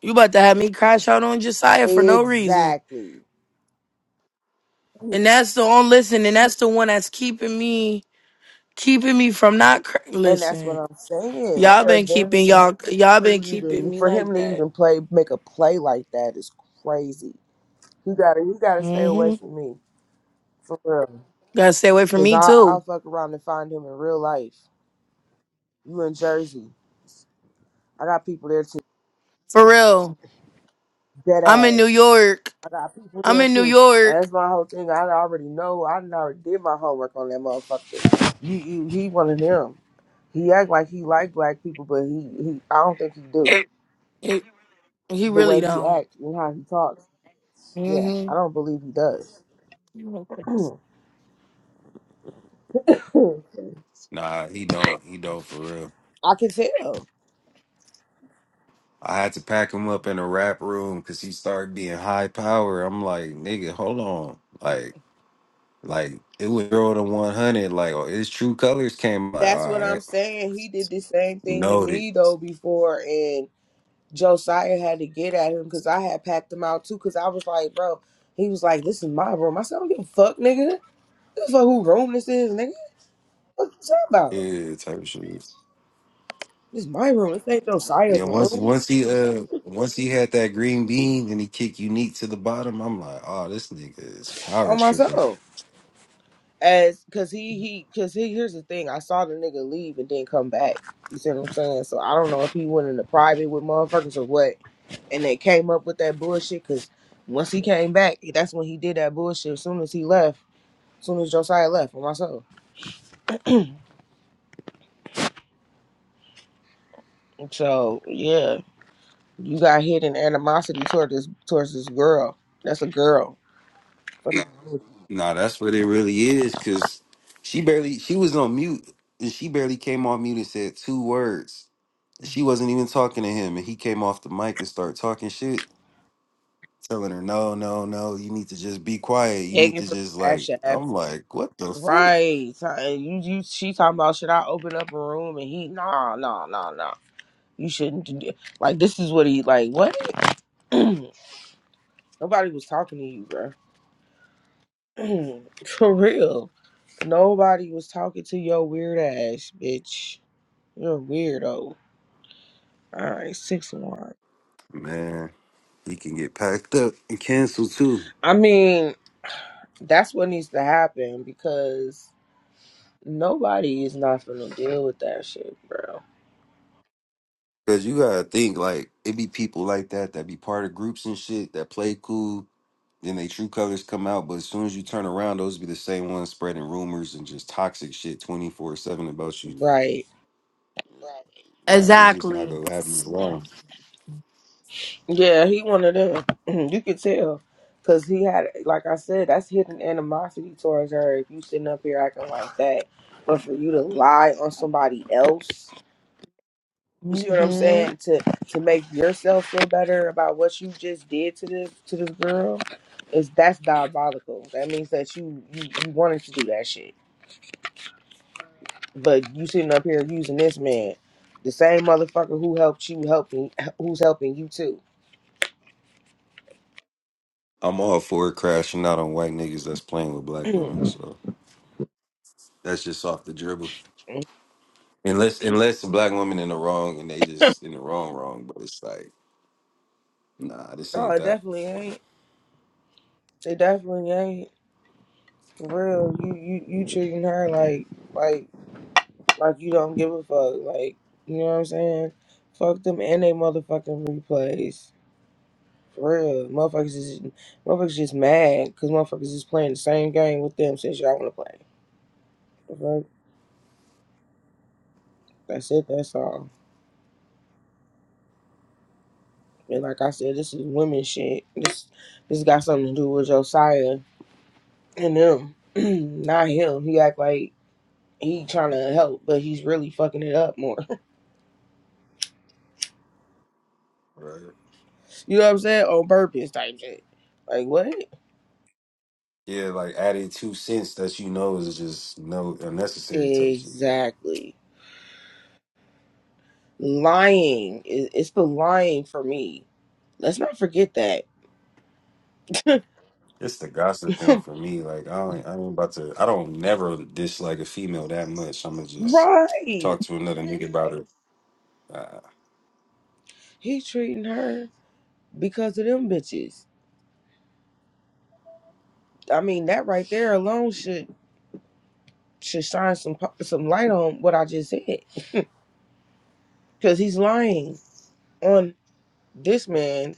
B: You about to have me crash out on Josiah for no reason.
A: Exactly.
B: And that's the on listen, and that's the one that's keeping me keeping me from not cr-
A: And that's what
B: listen.
A: I'm saying.
B: Y'all
A: For
B: been keeping
A: them
B: y'all y'all been
A: to
B: keeping
A: even,
B: me
A: for
B: like
A: him to
B: that.
A: even play, make a play like that is crazy. You gotta, you gotta stay away
B: Mhm.
A: from me, for real.
B: Gotta stay away from
A: Cause I,
B: me
A: I'll
B: too.
A: fuck around and find him in real life. You in Jersey. I got people there too.
B: For real.
A: Dead
B: I'm in New
A: ass.
B: York.
A: I got people
B: I'm
A: there
B: in New
A: too. And
B: York.
A: that's my whole thing. I already know. I done already did my homework on that motherfucker. You, you, he one of them. He act like he like black people, but he, he I don't think he do.
B: It, he
A: The
B: really
A: way he
B: don't.
A: acts and how he talks. Yeah, I
B: Mhm.
A: don't believe he does. <clears throat> I
G: Nah, he don't. He don't for real.
A: can tell.
G: I had to pack him up in a rap room because he started being high power. I'm like, nigga, hold on. Like, like it was zero to one hundred. Like oh, his true colors came. Like,
A: That's
G: all
A: what I'm
G: right,
A: saying. He did the same thing to
G: noted.
A: me though before, and. Josiah had to get at him because I had packed him out too. Because I was like, bro, he was like, this is my room. I said, I don't give a fuck, nigga. This fuck who room this is, nigga. What you talking about?
G: Yeah, type of shit.
A: This is my room. This ain't
G: Yeah,
A: Josiah's
G: once
A: room.
G: once he uh once he had that green bean and he kicked unique to the bottom, I'm like, oh, this nigga is power
A: On
G: tripping.
A: myself, as because he he because he here's the thing. I saw the nigga leave and then come back. You see what I'm saying? So I don't know if he went into private with motherfuckers or what, and they came up with that bullshit. Because once he came back, that's when he did that bullshit. As soon as he left, as soon as Josiah left, on myself. So yeah, You got hidden animosity toward this towards this girl. That's a girl. Fucking
G: Nah, that's what it really is, cause she barely she was on mute and she barely came off mute and said two words. She wasn't even talking to him, and he came off the mic and started talking shit, telling her, No, no, no, you need to just be quiet. You need
A: begging
G: to
A: for
G: just like
A: cash
G: I'm
A: apps.
G: like, what the fuck?
A: Right. So, and you you she talking about should I open up a room and he nah nah nah nah. You shouldn't do that. like this is what he like what? <clears throat> Nobody was talking to you, bro. <clears throat> for real. Nobody was talking to your weird ass, bitch. You're a weirdo. All right, six one.
G: Man, he can get packed up and canceled too.
A: I mean, that's what needs to happen because Nobody is not gonna deal with that shit, bro.
G: Cause you gotta think like it be people like that that be part of groups and shit that play cool, then they true colors come out. But as soon as you turn around, those be the same ones spreading rumors and just toxic shit twenty four seven about you.
A: Right.
G: No, we just not
B: Exactly.
G: gonna have you around.
A: Yeah, he one of them. <clears throat> you could tell. Cause he had like I said, that's hidden animosity towards her if you sitting up here acting like that. But for you to lie on somebody else, you see what I'm
B: Mhm.
A: saying? To to make yourself feel better about what you just did to this to this girl, is that's diabolical. That means that you you, you wanted to do that shit. But you sitting up here using this man, the same motherfucker who helped you helping who's helping you too.
G: I'm all for crashing out on white niggas that's playing with
A: <clears throat>
G: black
A: no,
G: women. So that's just off the dribble. Unless unless the black woman in the wrong and they just in the wrong wrong, but it's like nah, this ain't
A: it
G: that.
A: definitely ain't. It definitely ain't. For real. You you you treating her like like like you don't give a fuck. Like you know what I'm saying? Fuck them and they motherfucking replays. For real. Motherfuckers is motherfuckers just mad because motherfuckers is playing the same game with them since y'all wanna play. The fuck? That's it, that's all. And like I said, this is women shit. This this got something to do with Josiah and them, <clears throat> not him. He act like he trying to help, but he's really fucking it up more. <laughs>
G: Right.
A: you know what I'm saying? On purpose type shit. Like what?
G: Yeah, like adding two cents that you know is just no unnecessary type shit. Like
A: Exactly. Lying. It- It's the lying for me. Let's not forget that. <laughs>
G: it's the gossiping for me. Like I don't, i ain't about to. I don't never dislike a female that much. I'm gonna just
A: right.
G: talk to another nigga about her. Uh,
A: He treating her because of them bitches. I mean, that right there alone should should shine some pu- some light on what I just said. because he's lying on this man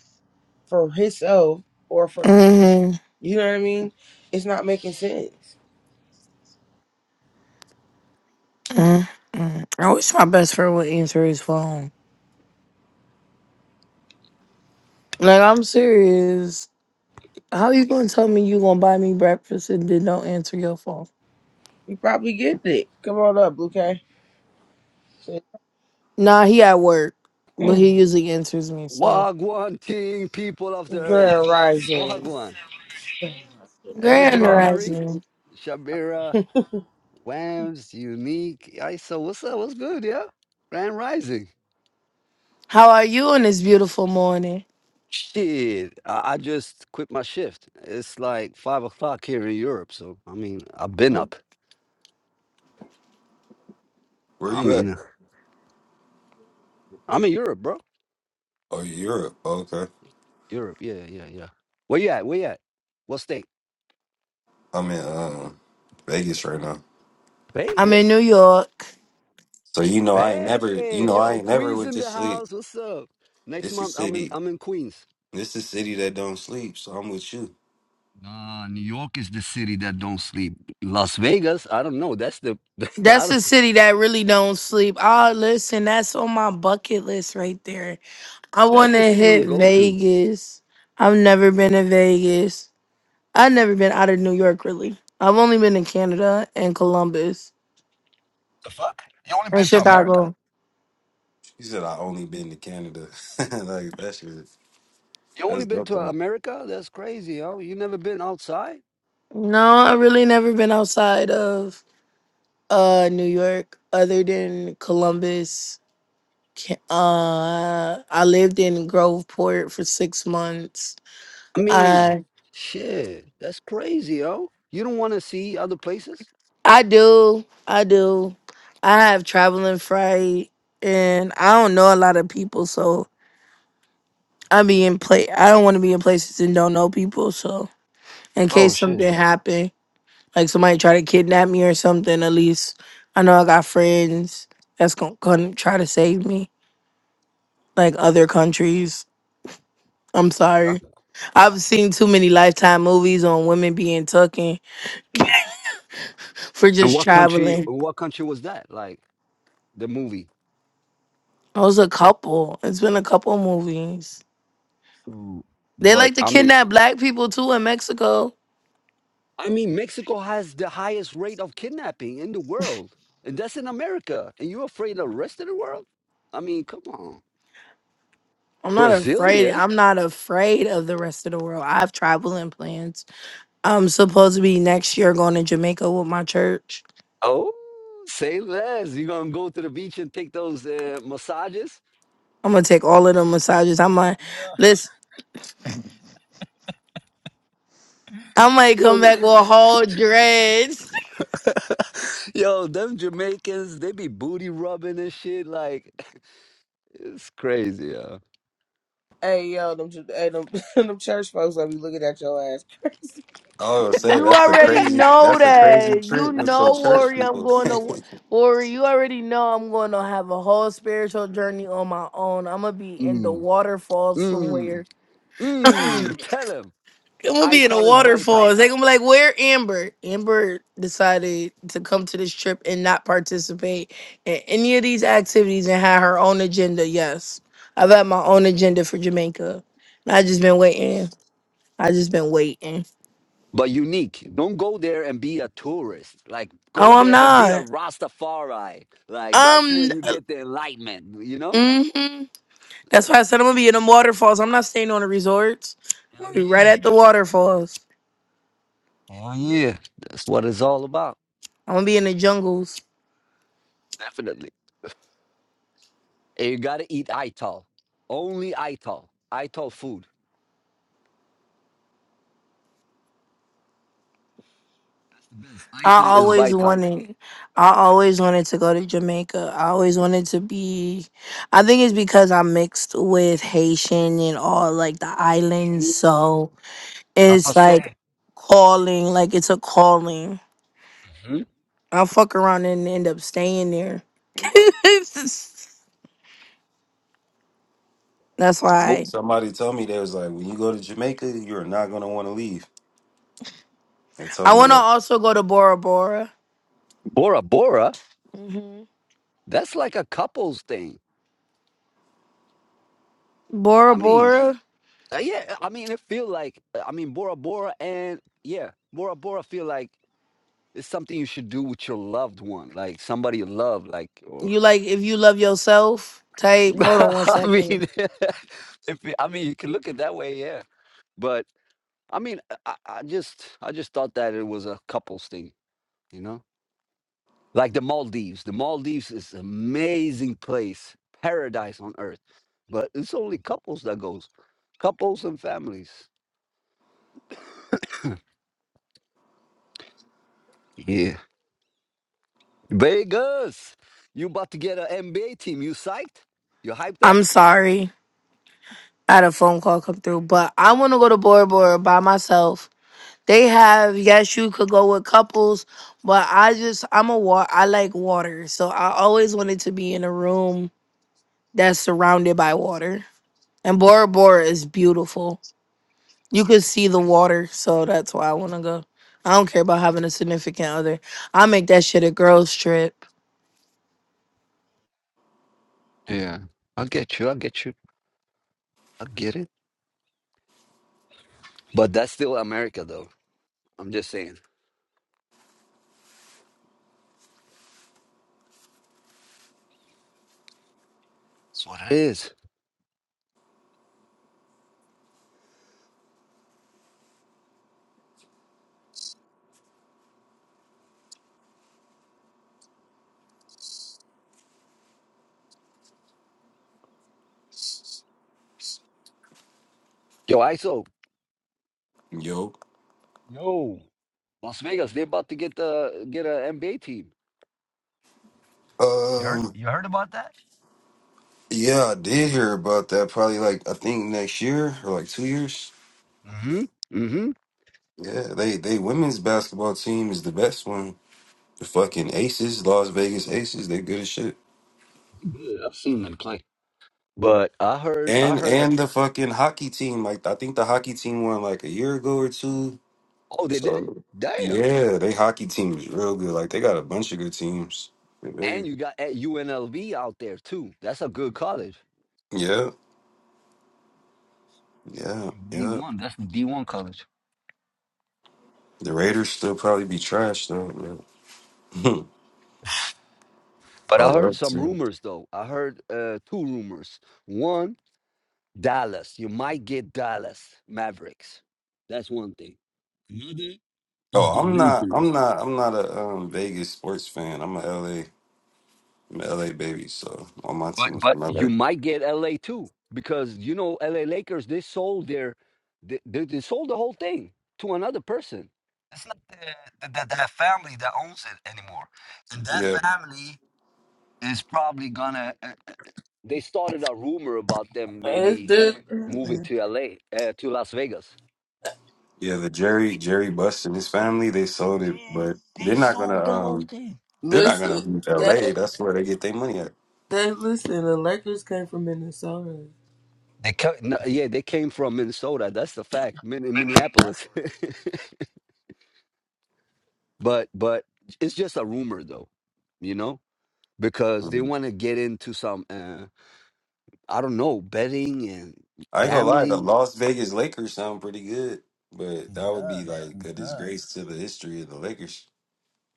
A: for himself or for
B: Mhm.
A: you know what I mean. It's not making sense.
B: Mm-hmm. I wish my best friend would answer his phone. Like I'm serious. How you gonna tell me you gonna buy me breakfast and then don't answer your phone?
A: You probably get it. Come on up, okay? <clears throat>
B: Nah, he at work, but he
A: Grand
B: usually answers me. So
I: Wagwan ting people of the earth.
A: rising.
I: Wagwan.
G: okay.
I: Everything
B: grand
G: Um,
I: Irie,
B: rising.
I: Shabira, Wams, Unique, Isa, what's up? What's good, yeah? Grand Rising.
B: How are you on this beautiful morning?
I: Shit, I, I just quit my shift. It's like five o'clock here in Europe. So, I mean, I've been
B: Oh,
I: up.
G: where
I: I
B: yeah.
G: you at?
I: mean, I'm in Europe, bro.
G: Oh, Europe. Okay.
I: Europe, yeah, yeah, yeah. Where you at? Where you at? What state?
G: I'm in um Vegas right now.
B: I'm in New
I: Vegas?
B: York.
G: So you know I ain't never. You
I: Hey,
G: know I
I: yo,
G: ain't never
I: Queens
G: would
I: in the
G: just sleep.
I: house. What's up? Next
G: It's a
I: month, I'm in,
G: city.
I: I'm in Queens.
G: It's a city that don't sleep. So I'm with you.
I: Nah, New York is the city that don't sleep. Las Vegas, I don't know. That's the <laughs> I
B: That's a
I: don't know.
B: city that really don't sleep. Oh, listen, that's on my bucket list right there. I
I: That's
B: want
I: the
B: to
I: city you
B: hit
I: go to.
B: Vegas. I've never been to Vegas. I've never been out of New York really. I've only been to Canada and Columbus.
I: The fuck? You only
B: in
I: been to America?
B: Chicago.
G: She said I only been to Canada. <laughs> like that shit.
I: You only
G: That's
I: been
G: dope
I: to
G: though.
I: America? That's crazy, yo. You never been outside?
B: No, I really never been outside of uh New York other than Columbus. Ca- Uh I lived in Groveport for 6 months.
I: I mean,
B: I
I: shit. That's crazy, yo. You don't want to see other places?
B: I do. I do. I have traveling fright and I don't know a lot of people so I be in play I don't want to be in places and don't know people so in
I: Oh
B: case
I: shit.
B: something happen. Like somebody try to kidnap me or something, at least I know I got friends that's gonna come try to save me. Like other countries. I'm sorry. I've seen too many lifetime movies on women being taken for
I: And
B: just
I: what country?
B: traveling. It
I: What country was that? Like the movie.
B: was a couple. It's been a couple movies.
I: So,
B: They
I: but
B: like to
I: I mean,
B: kidnap black people too in Mexico.
I: I mean, Mexico has the highest rate of kidnapping in the world, and that's in America. And you're afraid of the rest of the world? I mean, come on.
B: I'm not afraid.
I: Brasilia?
B: I'm not afraid of the rest of the world. I have traveling plans. I'm supposed to be next year going to Jamaica with my church.
I: Oh, say less. You're going to go to the beach and take those uh, massages?
B: I'm gonna take all of them massages. I might
I: Yeah.
B: listen. I might come
I: Yo,
B: back with a whole dreads.
I: <laughs> yo, them Jamaicans, they be booty rubbing and shit. Like, <laughs> it's crazy, yeah.
A: Hey yo, them, ju- hey, them, <laughs> them church folks gonna be looking at your ass. <laughs>
G: Oh, say
B: You
G: that's a
B: already
G: crazy
B: know
G: that's a crazy
B: that. You
G: trick with your
B: know,
G: church
B: Worry, I'm
G: people.
B: going to Worry. You already know I'm going to have a whole spiritual journey on my own. I'm gonna be in the
I: Mm,
B: waterfall
I: mm,
B: somewhere.
I: mm. Tell him.
B: I'm gonna be in a
I: Ital is vital.
B: waterfall. They gonna be like, "Where Amber?" Amber decided to come to this trip and not participate in any of these activities and had her own agenda. Yes, I've had my own agenda for Jamaica. And I just been waiting. I just been waiting.
I: but unique. Don't go there and be a tourist. Like go
B: Oh, I'm
I: there and be a
B: not.
I: Rastafari. Like that's when
B: Um,
I: you get the enlightenment. You know?
B: mm-hmm. that's why I
I: That's,
B: said I'm gonna be in the waterfalls. I'm not staying on the resorts. I'm
I: hell
B: gonna be right
I: yeah!
B: at the waterfalls.
I: Hell yeah! That's what it's all about.
B: I'm gonna be in the jungles.
I: Definitely. And you gotta eat ital. Only ital. Ital food. That's the best.
B: I
I: Ital is
B: always
I: vital.
B: wanted I always wanted to go to Jamaica. I always wanted to be I think it's because I'm mixed with Haitian and all like the islands,
I: Ooh,
B: so
I: Apa
B: it's like
I: say?
B: calling, like it's a calling.
I: Hmm?
B: I'll fuck around and end up staying there. <laughs> That's
I: Bo-
G: <laughs>
B: why
G: Somebody told me they was like, when you go to Jamaica, you're not gonna want to leave. And
B: I
G: told me
B: want to
G: that.
B: also go to Bora Bora.
I: Bora Bora.
B: hmm
I: That's like a couples thing.
B: Bora
I: I mean,
B: Bora,
I: Uh, yeah, I mean, it feel like uh, I mean Bora Bora and yeah, Bora Bora feel like it's something you should do with your loved one, like somebody you love, like or
B: you like if you love yourself type.
I: <laughs>
B: Hold on one
I: I
B: second.
I: mean, <laughs> if you- I mean you can look at that way, yeah. But I mean, I, I I just I just thought that it was a couples thing, you know, like the Maldives. The Maldives is amazing place, paradise on earth, but it's only couples that goes, couples and families. Yeah. Vegas, you about to get an NBA team. You psyched? You hyped up?
B: I'm sorry. I had a phone call come through, but I want to go to Bora Bora by myself. They have yes, you could go with couples, but I just I'm a wa- I like water, so I always wanted to be in a room that's surrounded by water. And Bora Bora is beautiful. You can see the water, so that's why I want to go. I don't care about having a significant other. I make that shit a girls trip.
I: Yeah, I'll get you. I'll get you. I'll get it. But that's still America, though. I'm just saying. That's what it is. Yo, ISO.
G: Yo.
I: Yo, Las Vegas. they about to get the get an NBA team. You heard?
G: Um.
I: You heard about that?
G: Yeah, I did hear about that. Probably like I think next year or like two years.
I: Mm-hmm. Mm-hmm.
G: Yeah, they they women's basketball team is the best one. The fucking Aces, Las Vegas Aces, they good as shit.
I: Good. I've seen them play. But I heard. I
G: And
I: heard. A,
G: and the fucking hockey team, like I think the hockey team won like a year ago or two
I: oh, they did.
G: So
I: Damn.
G: yeah, they hockey team is real good. Like they got a bunch of good teams. They-
I: And
G: big.
I: you got at UNLV out there too. That's a good college.
G: yeah,
I: It's
G: yeah,
I: fucking
G: yeah.
I: D1. That's from D1 college.
G: The Raiders still probably be trash though. Yeah. <laughs>
I: But
G: All
I: I
G: the
I: heard
G: other
I: some
G: teams.
I: rumors though. I heard uh, two rumors. One, Dallas. You might get Dallas Mavericks. That's one thing. Another is
G: Oh,
I: the
G: I'm not. I'm
I: Lakers.
G: not. I'm not a um, Vegas sports fan. I'm a LA. I'm a LA baby. So all my
I: But
G: teams
I: but
G: from LA.
I: you might get LA too because you know LA Lakers they sold their they, they, they sold the whole thing to another person. It's not the, the, the, that family that owns it anymore, and that
G: Yeah,
I: family is probably gonna. uh, They started a rumor about them
A: It's
I: maybe
A: this,
I: moving to LA, uh, to Las Vegas.
G: yeah. The Jerry Jerry Buss and his family they sold it,
I: Yeah,
G: but
I: they
G: they're not gonna.
I: sold the whole
G: Um,
I: thing.
G: they're not gonna
A: listen,
G: leave LA.
A: that,
G: That's where they get their money at.
A: that, listen, the Lakers came from Minnesota.
I: They co- no, yeah, they came from Minnesota. That's the fact. Min-
A: <laughs>
I: Minneapolis. <laughs> but but it's just a rumor though, you know, because they want to get into some uh, I don't know, betting and
G: I ain't gonna lie, the
I: gambling.
G: Las Vegas Lakers sound pretty good, but
I: It
G: that would be
I: does.
G: like
I: It
G: a
I: does.
G: disgrace to the history of the Lakers.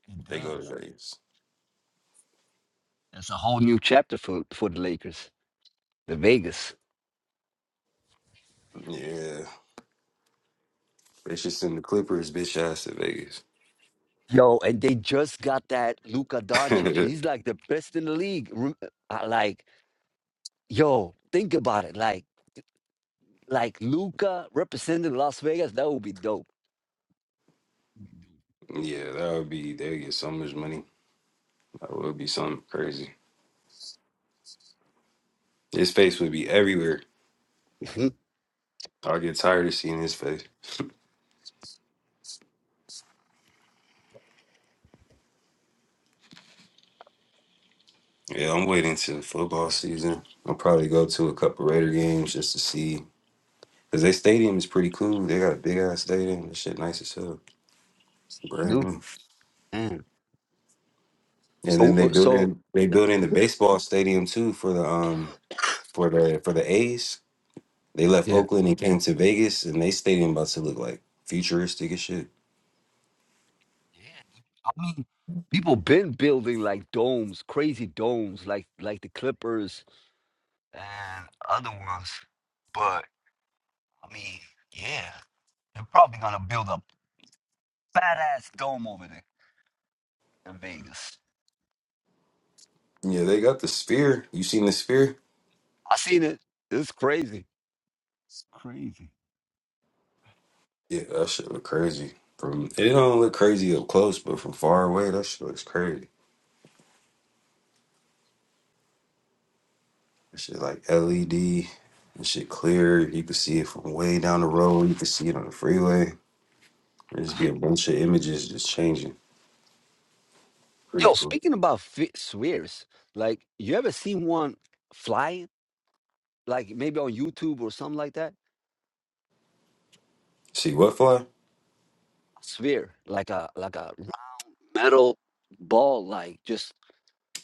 I: It
G: They go to
I: does.
G: Vegas.
I: That's a whole new chapter for for the Lakers, the Vegas.
G: Yeah. They should send the Clippers bitch ass to Vegas.
I: Yo, and they just got that Luka
G: <laughs>
I: Doncic. He's like the best in the league. Rem- I Like, yo, think about it. Like, like Luka representing Las Vegas, that would be dope.
G: yeah, that would be they would get so much money. That would be something crazy. His face would be everywhere.
I: Mhm,
G: I'll get tired of seeing his face. Yeah, I'm waiting till football season. I'll probably go to a couple Raider games just to see. Cause their stadium is pretty cool. They got a big ass stadium. That shit nice as hell. Brand
I: Dude,
G: new.
I: man.
G: And
I: So,
G: then they
I: uh,
G: built
I: so
G: in they built in the baseball stadium too for the um for the for the A's. They left
I: yeah.
G: Oakland and came to Vegas and they stadium about to look like futuristic as shit.
I: Yeah, dude. I mean, people been building like domes, crazy domes, like like the Clippers and other ones. But I mean, yeah, they're probably gonna build a badass dome over there in Vegas.
G: Yeah, they got the sphere. You seen the sphere?
I: I seen it. It's crazy. It's crazy.
G: Yeah, that shit look crazy. From it don't look crazy up close, but from far away, that shit looks crazy. That shit like LED and shit clear. You can see it from way down the road. You can see it on the freeway. There's be a bunch of images just changing. Pretty
I: Yo,
G: cool.
I: speaking about fi- spheres, like you ever seen one fly? Like maybe on YouTube or something like that.
G: See what fly?
I: sphere, like a like a metal ball, like just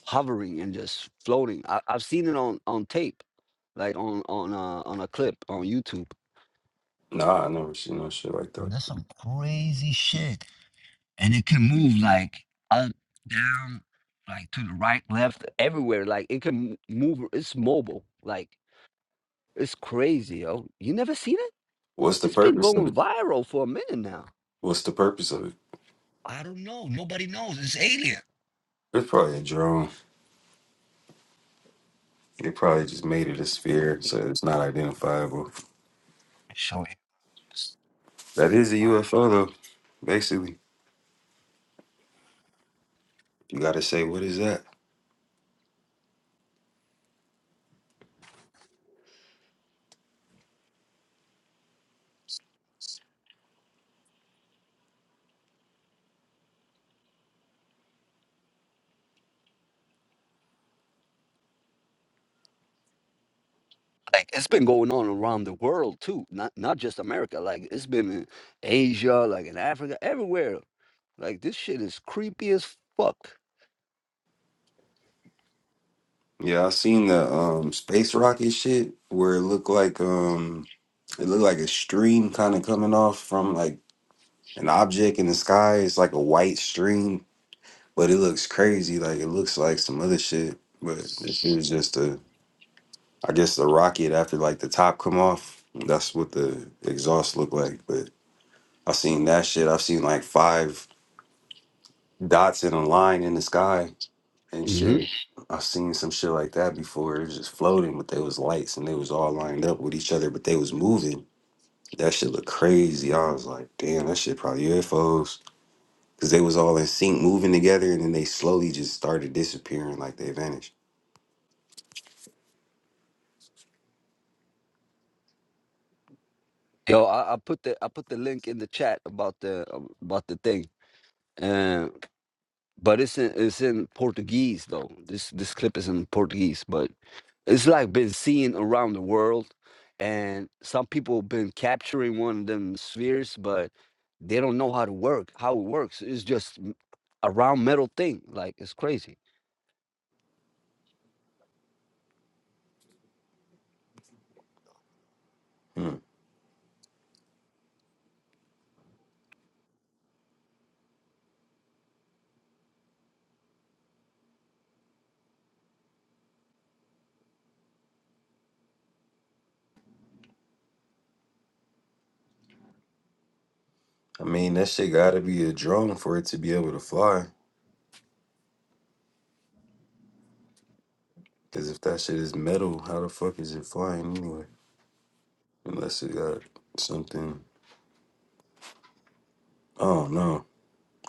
I: hovering and just floating. I, I've seen it on on tape, like on on uh, on a clip on YouTube.
G: Nah, I never seen no shit like
I: Yo,
G: that.
I: that's some crazy shit, and it can move like up, down, like to the right, left, everywhere. Like it can m- move. It's mobile. Like It's crazy, yo. You never seen it?
G: What's the
I: It's been
G: purpose of
I: going
G: it?
I: viral for a minute now.
G: What's the purpose of it?
I: I don't know. Nobody knows. It's alien.
G: It's probably a drone. They probably just made it a
I: Let
G: sphere, so
I: me
G: it's not identifiable.
I: show you. Just
G: That is a
I: fine.
G: UFO, though. Basically, you got to say, what is that?
I: Like it's been going on around the world too, not not just America. Like it's been in Asia, like in Africa, everywhere. Like this shit is creepy as fuck.
G: Yeah, I seen the um space rocket shit where it looked like um it looked like a stream kind of coming off from like an object in the sky. It's like a white stream, but it looks crazy. Like it looks like some other shit, but it was just a I guess the rocket after like the top come off. That's what the exhaust looked like. But i seen that shit. I've seen like five dots in a line in the sky and
I: hmm
G: shit. I've seen some shit like that before. It was just floating, but there was lights and they was all lined up with each other, but they was moving. That shit looked crazy. I was like, damn, that shit probably UFOs. Cause they was all in sync moving together and then they slowly just started disappearing like they vanished.
I: Yo, I, I put the I put the link in the chat about the um, about the thing. Uh, but it's in it's in Portuguese though. This this clip is in Portuguese, but it's like been seen around the world and some people been capturing one of them spheres but they don't know how to work how it works it's just m- a round metal thing like it's crazy
G: Hmm. I mean, that shit gotta be a drone for it to be able to fly. Because if that shit is metal, how the fuck is it flying anyway? Unless it got something. Oh no,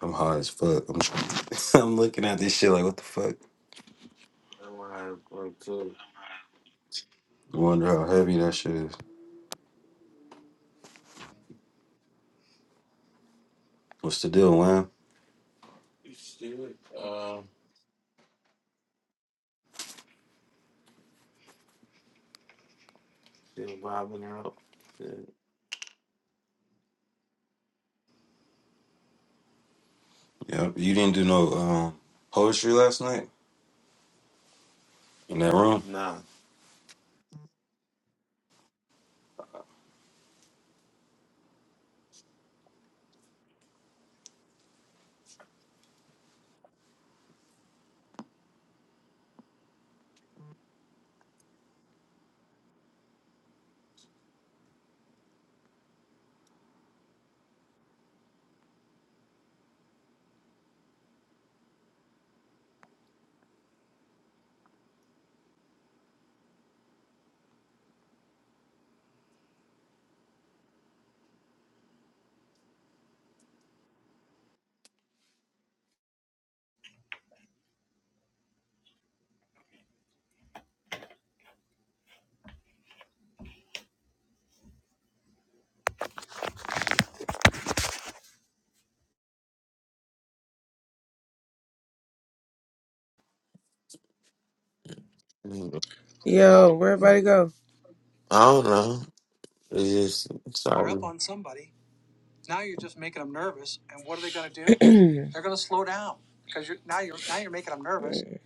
G: I'm high as fuck. I'm, <laughs> I'm looking at this shit like, what the fuck?
C: All right, well, too.
G: Wonder how heavy that shit is. What's the deal, man?
C: You still, uh, still vibing out? Yeah.
G: Yep, you didn't do no um, poetry last night in that room.
C: Nah. Mm,
A: Yo, where everybody go?
C: I don't know. It's just something.
A: Now you're are just making them nervous. And what are they gonna do? <clears throat> Wait,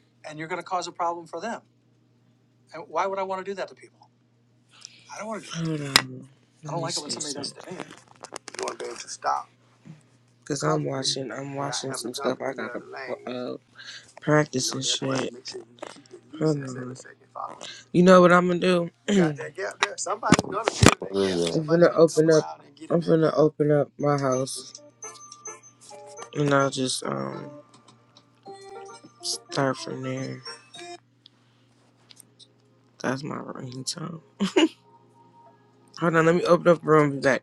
A: do that. Hold on. I Let me see something. me. Cause I'm watching, I'm watching some stuff I gotta uh, practice and shit. Hold on. You know what I'm gonna do? <clears throat> I'm
C: What is
A: gonna
C: that?
A: open up. I'm gonna open up my house, and I'll just um start from there. That's my ringtone. Hold on, let me open up the room. Be back.